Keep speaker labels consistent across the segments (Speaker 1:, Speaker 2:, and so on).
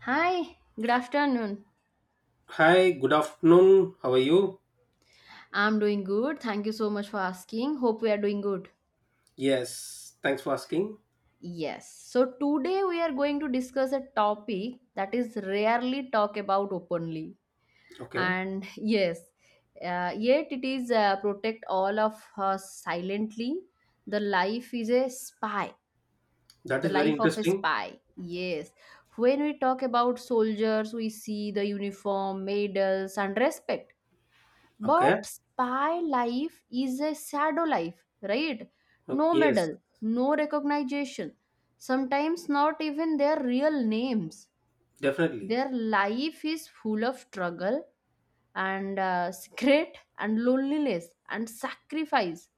Speaker 1: Hi, good afternoon.
Speaker 2: Hi, good afternoon. How are you?
Speaker 1: I'm doing good. Thank you so much for asking. Hope we are doing good.
Speaker 2: Yes, thanks for asking.
Speaker 1: Yes. So today we are going to discuss a topic that is rarely talked about openly.
Speaker 2: Okay,
Speaker 1: And yes, yet it is protect all of us silently. The life is a spy.
Speaker 2: that
Speaker 1: The
Speaker 2: is very
Speaker 1: life of a
Speaker 2: interesting.
Speaker 1: spy. Yes. When we talk about soldiers, we see the uniform, medals, and respect.
Speaker 2: Okay,
Speaker 1: But spy life is a shadow life, right? No
Speaker 2: Yes,
Speaker 1: medal, no recognition, sometimes not even their real names.
Speaker 2: definitely.
Speaker 1: Their life is full of struggle and secret and loneliness and sacrifice.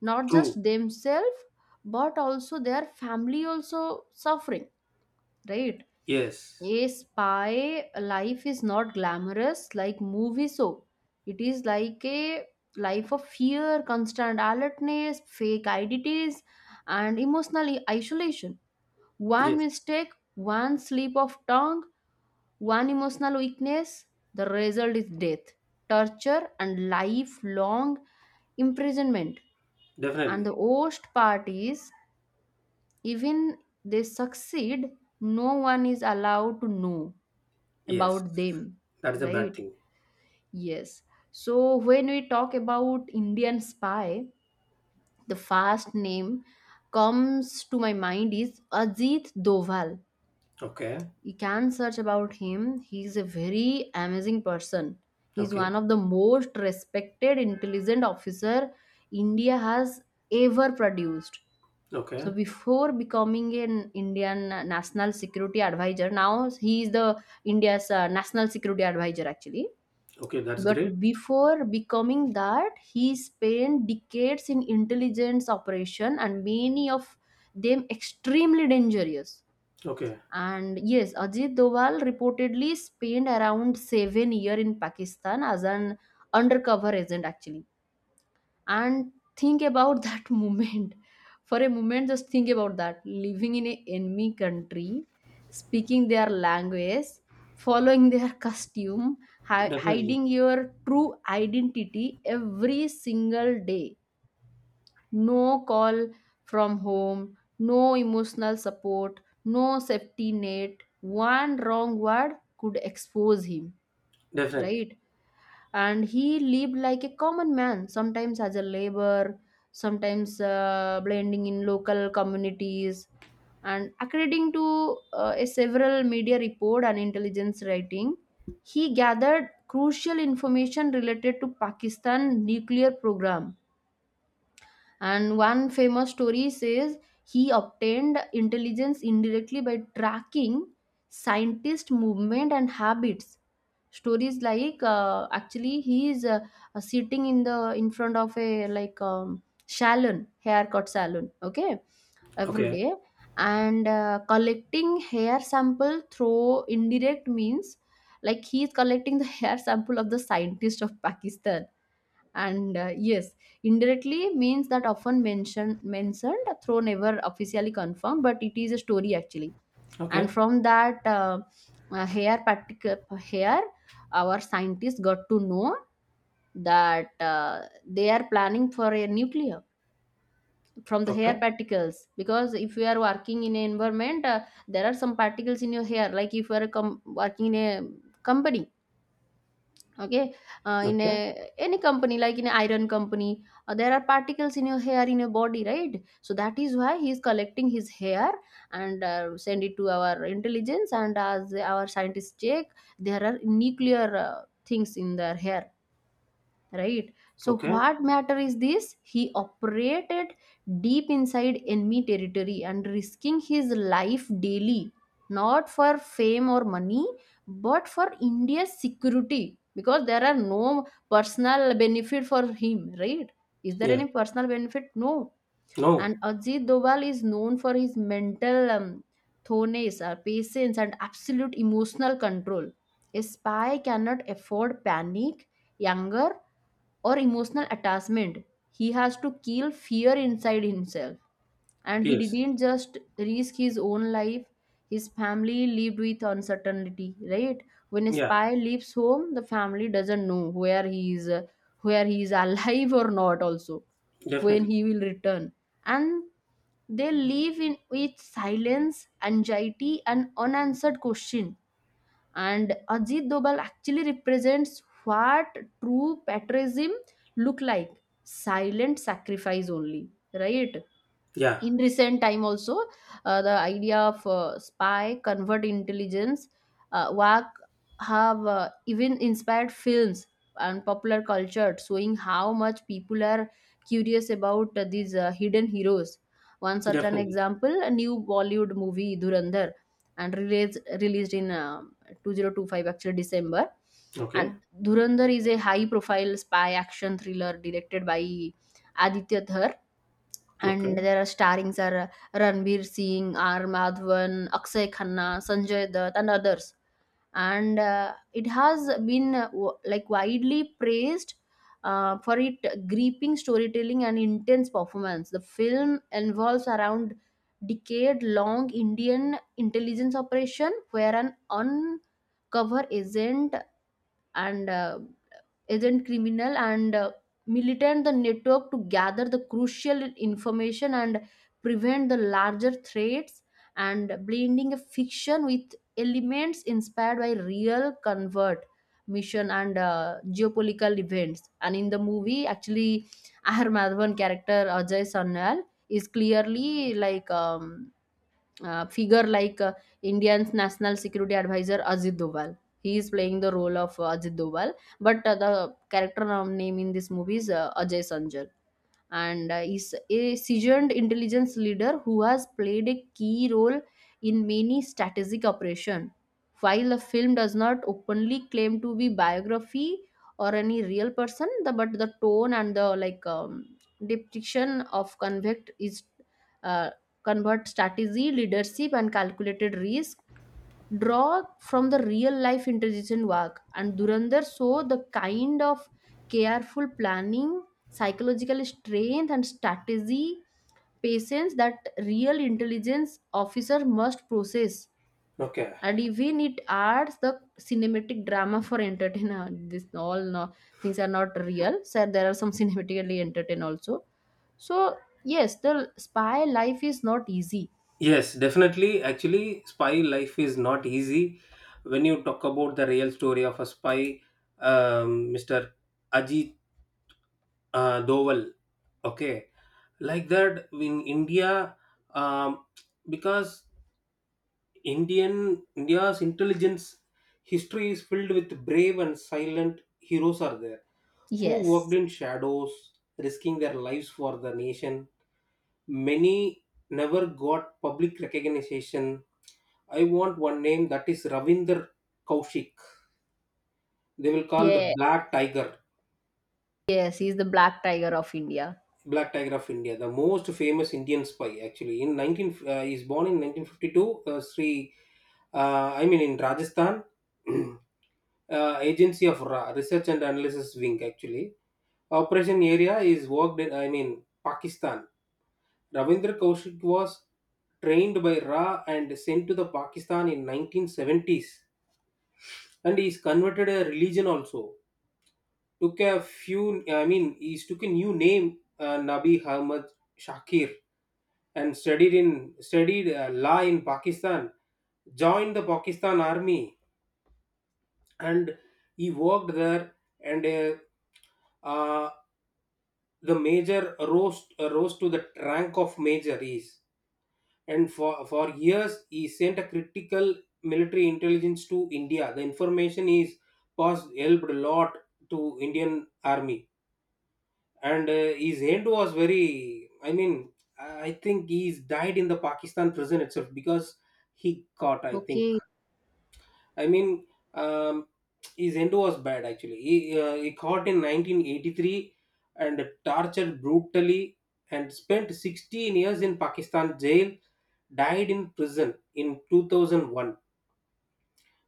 Speaker 1: Not
Speaker 2: True.
Speaker 1: just themselves, but also their family also suffering, right?
Speaker 2: Yes,
Speaker 1: A spy life is not glamorous like movie, so it is like a life of fear, constant alertness, fake identities, and emotional isolation. One
Speaker 2: yes,
Speaker 1: mistake, one slip of tongue, one emotional weakness, the result is death, torture, and lifelong imprisonment. And the
Speaker 2: definitely.
Speaker 1: worst part is, even they succeed, no one is allowed to know
Speaker 2: Yes,
Speaker 1: about them,
Speaker 2: that is a bad
Speaker 1: right?
Speaker 2: thing.
Speaker 1: Yes. So when we talk about Indian spy, the first name comes to my mind is Ajit Doval.
Speaker 2: Okay,
Speaker 1: You can search about him. He is a very amazing person. He is one
Speaker 2: okay,
Speaker 1: of the most respected intelligent officer India has ever produced. So
Speaker 2: okay,
Speaker 1: before becoming an Indian national security advisor, now he is the India's national security advisor actually.
Speaker 2: okay, that's great.
Speaker 1: But before becoming that, he spent decades in intelligence operation, and many of them extremely dangerous.
Speaker 2: Okay,
Speaker 1: And yes, Ajit Doval reportedly spent around 7 years in Pakistan as an undercover agent actually, and think about that moment, for a moment just think about that, living in a enemy country, speaking their language, following their costume,
Speaker 2: definitely,
Speaker 1: hiding your true identity every single day. No call from home, no emotional support, no safety net. One wrong word could expose him,
Speaker 2: definitely.
Speaker 1: right? And he lived like a common man, sometimes as a laborer, sometimes blending in local communities. And according to a several media report and intelligence writing, he gathered crucial information related to Pakistan nuclear program. And one famous story says he obtained intelligence indirectly by tracking scientist movement and habits. Stories like actually he is sitting in the in front of a like salon, haircut salon, okay, every
Speaker 2: Okay,
Speaker 1: day, and collecting hair sample through indirect means, like he is collecting the hair sample of the scientist of Pakistan. And yes, indirectly means that often mentioned through, never officially confirmed, but it is a story actually. And
Speaker 2: okay,
Speaker 1: from that hair, particular hair, our scientists got to know that they are planning for a nuclear, from the hair
Speaker 2: okay,
Speaker 1: particles, because if you are working in an environment there are some particles in your hair. Like if you are working in a company, okay, uh, in a,
Speaker 2: okay,
Speaker 1: any company, like in an iron company, there are particles in your hair, in your body, right? So that is why he is collecting his hair and send it to our intelligence, and as our scientists check, there are nuclear things in their hair, right? So
Speaker 2: okay.
Speaker 1: what matter is this, he operated deep inside enemy territory and risking his life daily, not for fame or money, but for India's security, because there are no personal benefit for him, right? Is there
Speaker 2: Yeah,
Speaker 1: any personal benefit? No. And
Speaker 2: no,
Speaker 1: Ajit Doval is known for his mental thoroughness, patience, and absolute emotional control. A spy cannot afford panic, anger, or emotional attachment. He has to kill fear inside himself. And he
Speaker 2: yes,
Speaker 1: didn't just risk his own life, his family lived with uncertainty, right? When a
Speaker 2: yeah,
Speaker 1: spy leaves home, the family doesn't know where he is alive or not, also, when
Speaker 2: definitely.
Speaker 1: he will return. And they live in with silence, anxiety, and unanswered question. And Ajit Dobal actually represents what true patriotism look like, silent sacrifice only, right?
Speaker 2: Yeah,
Speaker 1: In recent time also, the idea of spy, covert intelligence work have even inspired films and popular culture, showing how much people are curious about these hidden heroes. One such an
Speaker 2: definitely.
Speaker 1: example, a new Bollywood movie Durandar, and released in 2025, actually December.
Speaker 2: Okay,
Speaker 1: And Durandar is a high profile spy action thriller directed by Aditya Dhar,
Speaker 2: okay,
Speaker 1: and there are starrings are Ranbir Singh, R. Madhavan, Akshay Khanna, Sanjay Dutt, and others. And it has been like widely praised for its gripping storytelling and intense performance. The film involves around decade-long Indian intelligence operation where an uncover agent and agent, criminal and militant the network to gather the crucial information and prevent the larger threats, and blending a fiction with elements inspired by real convert mission and geopolitical events. And in the movie actually Ahar Madhavan character Ajay Sarnal is clearly like figure like Indian's national security advisor Ajit Doval. He is playing the role of Ajit Doval, but the character name in this movie is Ajay Sanjay, and is a seasoned intelligence leader who has played a key role in many strategic operations. While the film does not openly claim to be biography or any real person, the, but the tone and the like depiction of convict is uh, convert strategy, leadership, and calculated risk, draw from the real life intelligent work. And Durandar saw the kind of careful planning, psychological strength, and strategy, patience that real intelligence officer must possess.
Speaker 2: okay.
Speaker 1: And even it adds the cinematic drama for entertainer, this all no, things are not real, so there are some cinematically entertain also. So yes, the spy life is not easy.
Speaker 2: Yes, definitely. Actually, spy life is not easy. When you talk about the real story of a spy, Mr. Ajit Doval, okay, like that in India, um, because Indian India's intelligence history is filled with brave and silent heroes are there who worked
Speaker 1: Yes.
Speaker 2: in shadows, risking their lives for the nation. Many never got public recognition. I want one name, that is Ravinder Kaushik. They will call the
Speaker 1: Yes.
Speaker 2: Black Tiger,
Speaker 1: Yes, he's the black tiger of India.
Speaker 2: Black Tiger of India, the most famous Indian spy. Actually, in 19, he's born in 1952. Sri, I mean in Rajasthan, Agency of Research and Analysis Wing. Actually, operation area is worked in. I mean Pakistan. Ravindra Kaushik was trained by Ra and sent to the Pakistan in 1970s, and he is converted a religion also, took a few, I mean he took a new name, Nabi Ahmad Shakir, and studied in, studied law in Pakistan, joined the Pakistan army, and he worked there. And uh, the major rose, rose to the rank of major is, and for years he sent a critical military intelligence to India. The information is was helped a lot to Indian army. And His end was very, I mean I think he's died in the Pakistan prison itself because he caught, I think.
Speaker 1: Okay.
Speaker 2: i mean um, his end was bad. Actually he caught in 1983 and tortured brutally and spent 16 years in Pakistan jail, died in prison in 2001.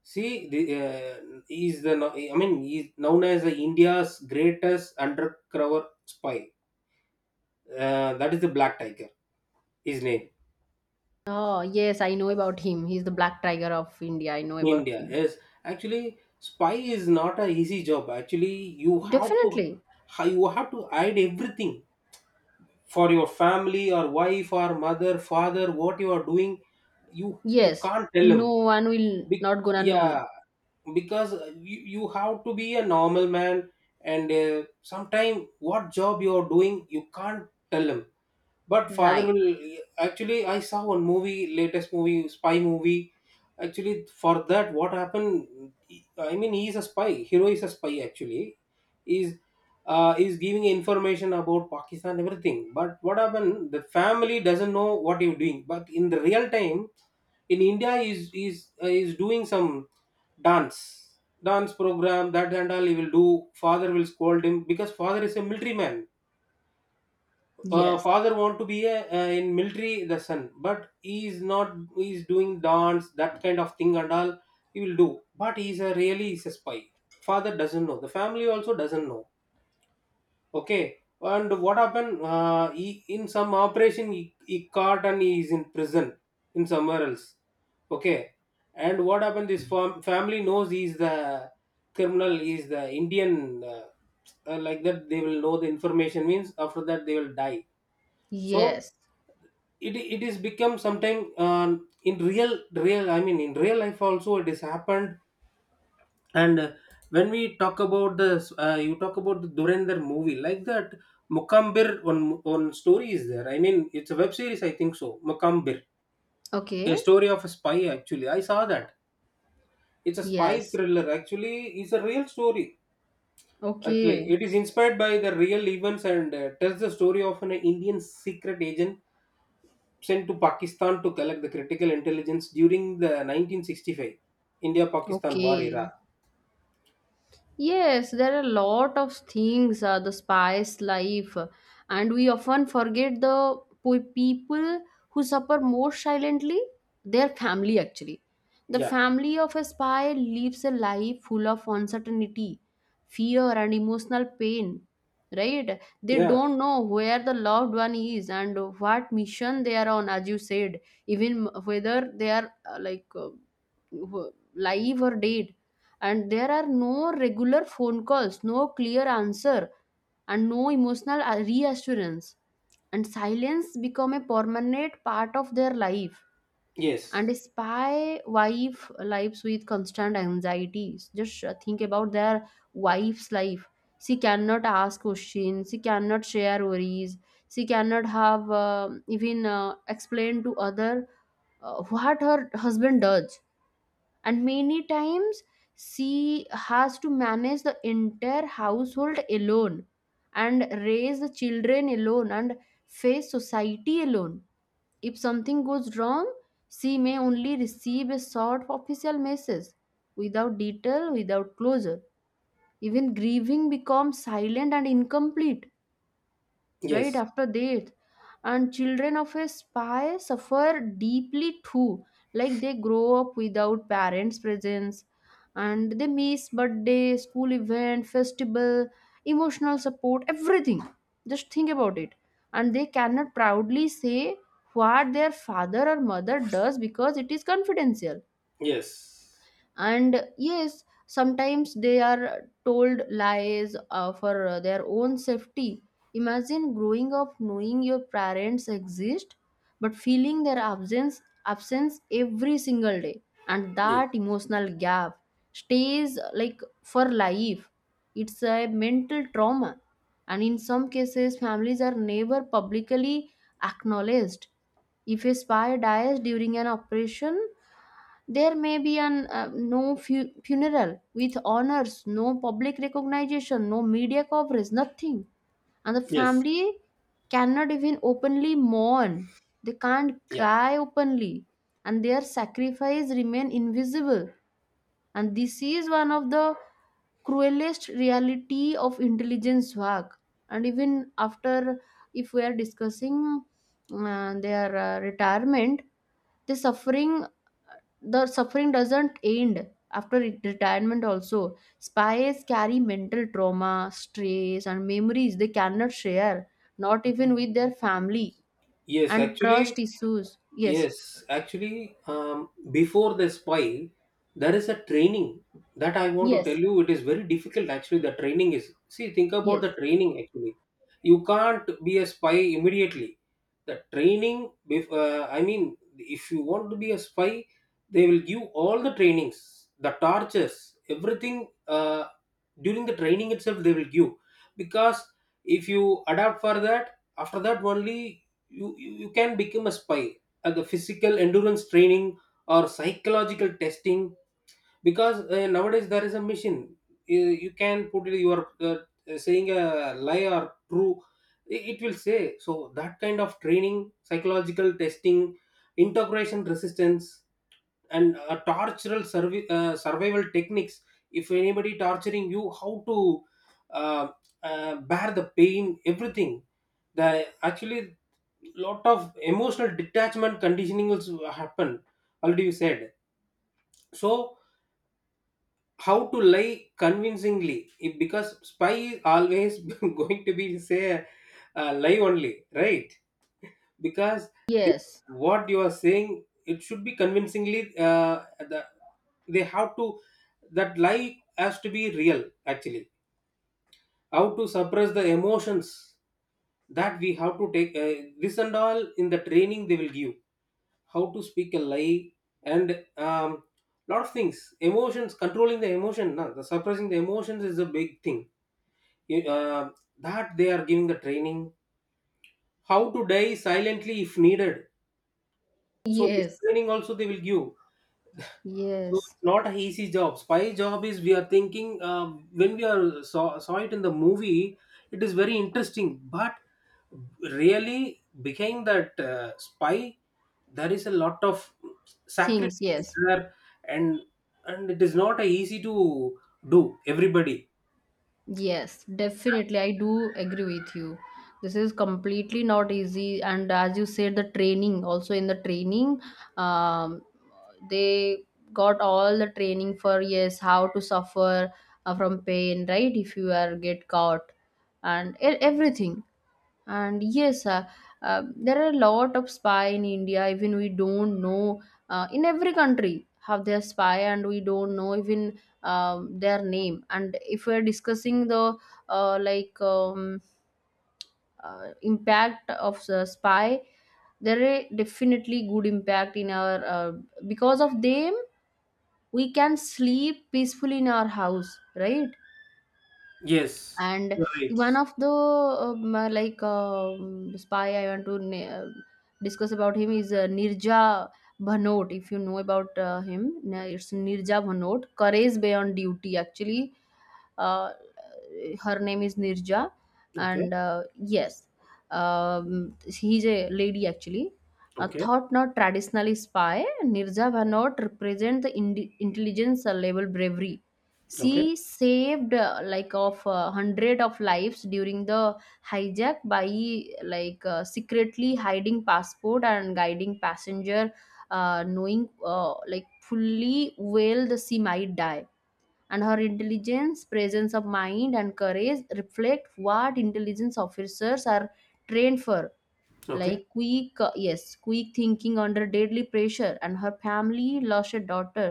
Speaker 2: See the, he's the, I mean he's known as the India's greatest undercover spy, that is the Black Tiger, his name.
Speaker 1: Oh, yes, I know about him. He's the black tiger of India. I know about
Speaker 2: India,
Speaker 1: him.
Speaker 2: yes. Actually spy is not a easy job. Actually you have to,
Speaker 1: Definitely.
Speaker 2: you have to hide everything. For your family or wife or mother father, what you are doing, you you
Speaker 1: Yes.
Speaker 2: can't tell them.
Speaker 1: No one will
Speaker 2: Be-
Speaker 1: not gonna
Speaker 2: yeah,
Speaker 1: know.
Speaker 2: because you have to be a normal man, and sometime what job you are doing, you can't tell them. But father
Speaker 1: Right.
Speaker 2: will actually. I saw one movie, latest movie, spy movie. Actually, for that, what happened? I mean, he is a spy. Hero is a spy. Actually, is is giving information about Pakistan everything. But what happened? The family doesn't know what you're doing. But in the real time, in India, is doing some dance dance program that and all he will do. Father will scold him because father is a military man.
Speaker 1: Yes.
Speaker 2: Father want to be a, in military the son, but he is not, he is doing dance, that kind of thing and all he will do, but he is a really, he's a spy. Father doesn't know, the family also doesn't know. Okay, and what happened, he, in some operation he caught and he is in prison in somewhere else. Okay, and what happened, this family knows he is the criminal, he is the Indian, like that they will know the information means, after that they will die. So
Speaker 1: Yes.
Speaker 2: it is become sometime, in real real I mean in real life also it has happened. And when we talk about this, you talk about the Durandar movie, like that Mukambir one, one story is there, I mean it's a web series I think so, Mukambir, a
Speaker 1: Okay.
Speaker 2: story of a spy. Actually I saw that, it's a spy
Speaker 1: Yes.
Speaker 2: thriller. Actually it's a real story. Actually it
Speaker 1: Okay.
Speaker 2: is inspired by the real events and tells the story of an Indian secret agent sent to Pakistan to collect the critical intelligence during the 1965 India Pakistan war era.
Speaker 1: Okay. Yes, there are a lot of things, the spice life, and we often forget the people who suffer more silently, their family actually. The
Speaker 2: Yeah,
Speaker 1: family of a spy lives a life full of uncertainty, fear, and emotional pain, right? They
Speaker 2: yeah,
Speaker 1: don't know where the loved one is and what mission they are on, as you said, even whether they are like live or dead. And there are no regular phone calls, no clear answer, and no emotional reassurance, and silence become a permanent part of their life. And a
Speaker 2: yes,
Speaker 1: spy wife lives with constant anxieties, just think about their wife's life. She cannot ask questions, she cannot share worries, she cannot have even explain to other what her husband does. And many times she has to manage the entire household alone, and raise the children alone, and face society alone. If something goes wrong, she may only receive a short official message, without detail, without closure. Even grieving becomes silent and incomplete, right?
Speaker 2: yes,
Speaker 1: After death, and children of a spy suffer deeply too, like they grow up without parents presence, and they miss birthday, school event, festival, emotional support, everything. Just think about it. And they cannot proudly say what their father or mother does because it is confidential.
Speaker 2: yes,
Speaker 1: And yes, sometimes they are told lies for their own safety. Imagine growing up knowing your parents exist but feeling their absence every single day. And
Speaker 2: yes,
Speaker 1: that emotional gap stays like for life. It's a mental trauma. And in some cases, families are never publicly acknowledged. If a spy dies during an operation, there may be an no funeral with honors, no public recognition, no media coverage, nothing. And the
Speaker 2: yes,
Speaker 1: family cannot even openly mourn, they can't
Speaker 2: yeah,
Speaker 1: cry openly. And their sacrifice remain invisible. And this is one of the cruelest reality of intelligence work. And even after, if we are discussing their retirement, the suffering, the suffering doesn't end after retirement also. Spies carry mental trauma, stress, and memories they cannot share, not even with their family,
Speaker 2: yes.
Speaker 1: and
Speaker 2: Actually,
Speaker 1: trust issues. Yes.
Speaker 2: yes, actually, before the spy, there is a training that I want to tell
Speaker 1: Yes.
Speaker 2: you. It is very difficult, actually. The training is see, think about
Speaker 1: Yes.
Speaker 2: the training. Actually, you can't be a spy immediately. The training, I mean, if you want to be a spy, they will give all the trainings, the tortures, everything, during the training itself. They will give because if you adapt for that, after that only you can become a spy. The physical endurance training or psychological testing, because nowadays there is a machine, you can put it, you are saying a lie or true, it will say. So that kind of training, psychological testing, integration resistance, and survival techniques. If anybody torturing you, how to uh, bear the pain, everything. The actually lot of emotional detachment conditioning also happen, already you said. So how to lie convincingly, if, because spy is always going to be say, lie only, right? Because they,
Speaker 1: Yes.
Speaker 2: what you are saying it should be convincingly, they have to, that lie has to be real actually. How to suppress the emotions, that we have to take, this and all in the training they will give. How to speak a lie, and lot of things, emotions, controlling the emotion, no, the suppressing the emotions is a big thing. You- uh, that they are giving the training, how to die silently if needed. So this
Speaker 1: Yes.
Speaker 2: training also they will give. So
Speaker 1: Yes,
Speaker 2: it's not an easy job. Spy job is, we are thinking, when we are saw it in the movie, it is very interesting. But really, behind that spy, there is a lot of
Speaker 1: things,
Speaker 2: sacrifices
Speaker 1: yes.
Speaker 2: there, and and it is not a easy to do. Everybody,
Speaker 1: Yes, definitely. I do agree with you. This is completely not easy. And as you said, the training also, in the training, um, they got all the training for, yes, how to suffer from pain, right? If you are get caught and everything. And yes, there are a lot of spy in India. Even we don't know in every country have their spy, and we don't know even their name. And if we're discussing the uh, like um, impact of the spy, there is definitely good impact in our because of them we can sleep peacefully in our house, right?
Speaker 2: yes,
Speaker 1: And
Speaker 2: you're right.
Speaker 1: one of the spy I want to discuss about him is Nirja Bhanot. If you know about him, it's Nirja Bhanot, courage beyond duty actually. uh, Her name is Nirja,
Speaker 2: Okay,
Speaker 1: and yes, he's a lady actually.
Speaker 2: okay,
Speaker 1: Thought not traditionally spy, Nirja Bhanot represent the intelligence level bravery.
Speaker 2: okay,
Speaker 1: She saved like of hundred of lives during the hijack by like secretly hiding passport and guiding passenger, knowing like fully well the she might die. And her intelligence, presence of mind and courage reflect what intelligence officers are trained for,
Speaker 2: okay.
Speaker 1: like quick yes, quick thinking under deadly pressure. And her family lost a daughter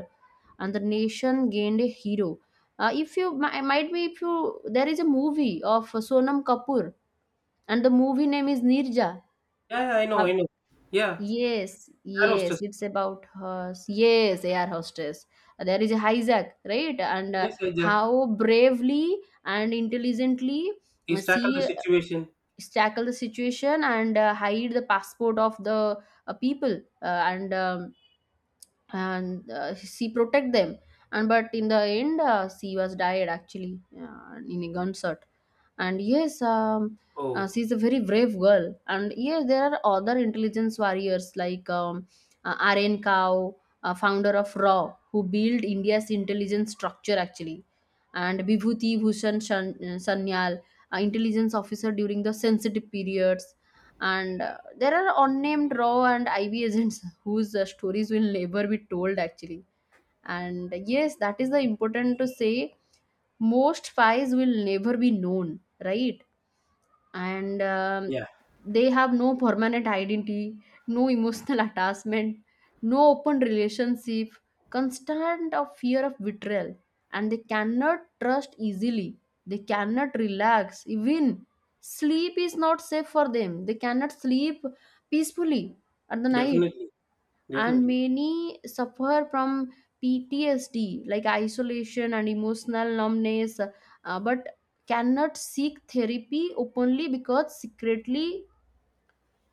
Speaker 1: and the nation gained a hero. If you might be, if you, there is a movie of Sonam Kapoor and the movie name is Nirja.
Speaker 2: Yeah, yeah, I know, I know. Yeah,
Speaker 1: Yes,
Speaker 2: arrow stress.
Speaker 1: yes, it's about us. Yes, air hostess. There is a hijack, right? And
Speaker 2: Yes, Jack.
Speaker 1: how bravely and intelligently
Speaker 2: He's tackled the
Speaker 1: she
Speaker 2: situation.
Speaker 1: tackle the situation and hide the passport of the people, and she protect them. And but in the end she was died actually in a gunshot. And yes,
Speaker 2: Oh,
Speaker 1: she's a very brave girl. And yes, there are other intelligence warriors like Aryan Kao, founder of RAW, who built India's intelligence structure actually, and Bibhuti Bhushan Sanyal, intelligence officer during the sensitive periods. And there are unnamed raw and iv agents whose stories will never be told actually. And yes, that is the important to say, most spies will never be known, right? And
Speaker 2: yeah,
Speaker 1: they have no permanent identity, no emotional attachment, no open relationship, constant of fear of betrayal, and they cannot trust easily, they cannot relax even, sleep is not safe for them, they cannot sleep peacefully at the night.
Speaker 2: definitely,
Speaker 1: And
Speaker 2: definitely.
Speaker 1: many suffer from PTSD like isolation and emotional numbness, but cannot seek therapy openly because secretly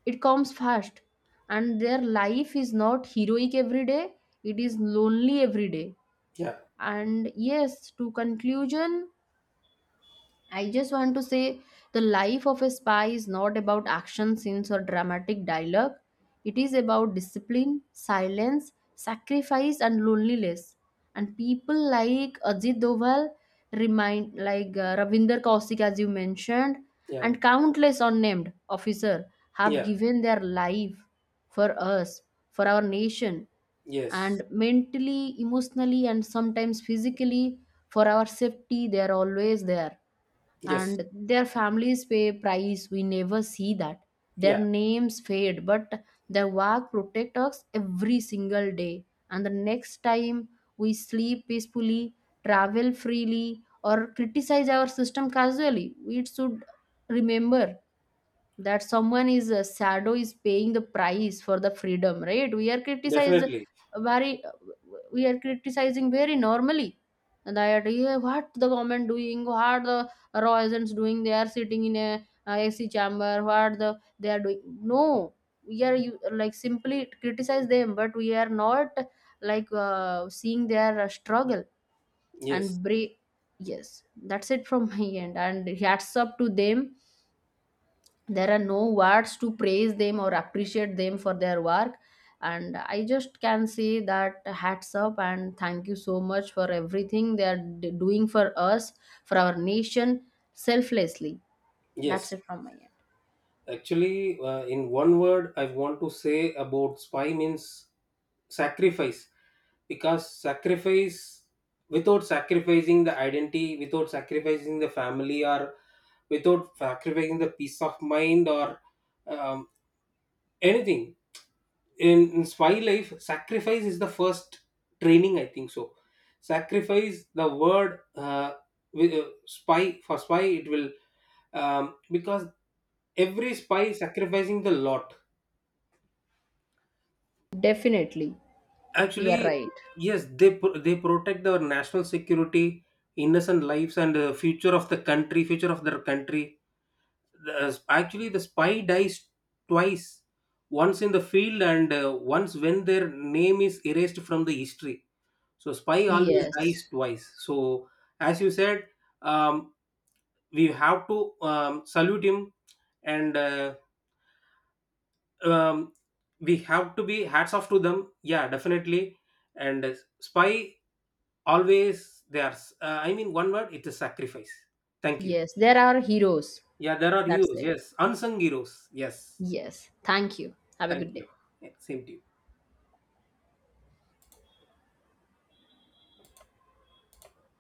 Speaker 1: it comes fast. And their life is not heroic every day, it is lonely every day.
Speaker 2: Yeah,
Speaker 1: And yes, to conclusion, I just want to say the life of a spy is not about action scenes or dramatic dialogue. It is about discipline, silence, sacrifice, and loneliness. And people like Ajit Doval, remind like Ravinder Kausik, as you mentioned,
Speaker 2: yeah,
Speaker 1: and countless unnamed officer have
Speaker 2: yeah,
Speaker 1: given their life for us, for our nation,
Speaker 2: yes,
Speaker 1: and mentally, emotionally, and sometimes physically for our safety. They are always there,
Speaker 2: yes,
Speaker 1: and their families pay price we never see that. Their
Speaker 2: yeah,
Speaker 1: names fade, but their work protects us every single day. And the next time we sleep peacefully, travel freely, or criticize our system casually, we should remember that someone is a shadow is paying the price for the freedom. Right, we are criticized
Speaker 2: definitely.
Speaker 1: very we are criticizing very normally that, yeah, what the government doing, what the raw agents doing, they are sitting in a ac chamber, what the they are doing. No, we are you like simply criticize them, but we are not like seeing their struggle
Speaker 2: Yes,
Speaker 1: and break. Yes, that's it from my end, and hats up to them. There are no words to praise them or appreciate them for their work. And I just can say that hats up and thank you so much for everything they are doing for us, for our nation, selflessly. That's
Speaker 2: yes.
Speaker 1: it from my end.
Speaker 2: Actually, in one word, I want to say about spy means sacrifice, because sacrifice, without sacrificing the identity, without sacrificing the family, or without sacrificing the peace of mind or um, anything. In my life sacrifice is the first training I think so. Sacrifice the word, spy, for spy, it will, because every spy sacrificing the lot,
Speaker 1: Definitely, you are
Speaker 2: actually.
Speaker 1: right.
Speaker 2: Yes, they they protect our national security, innocent lives and the future of the country, future of their country. The, actually the spy dies twice, once in the field and once when their name is erased from the history. So spy always
Speaker 1: Yes,
Speaker 2: dies twice. So as you said, um, we have to salute him, and um, we have to be hats off to them. Yeah, definitely. And spy always they are. I mean, one word. It's sacrifice. Thank you.
Speaker 1: yes, there are heroes.
Speaker 2: Yeah, there are
Speaker 1: That's
Speaker 2: heroes.
Speaker 1: it.
Speaker 2: Yes, unsung heroes. Yes,
Speaker 1: Yes, thank you, have a
Speaker 2: thank
Speaker 1: good
Speaker 2: you.
Speaker 1: day.
Speaker 2: Yeah, same to you.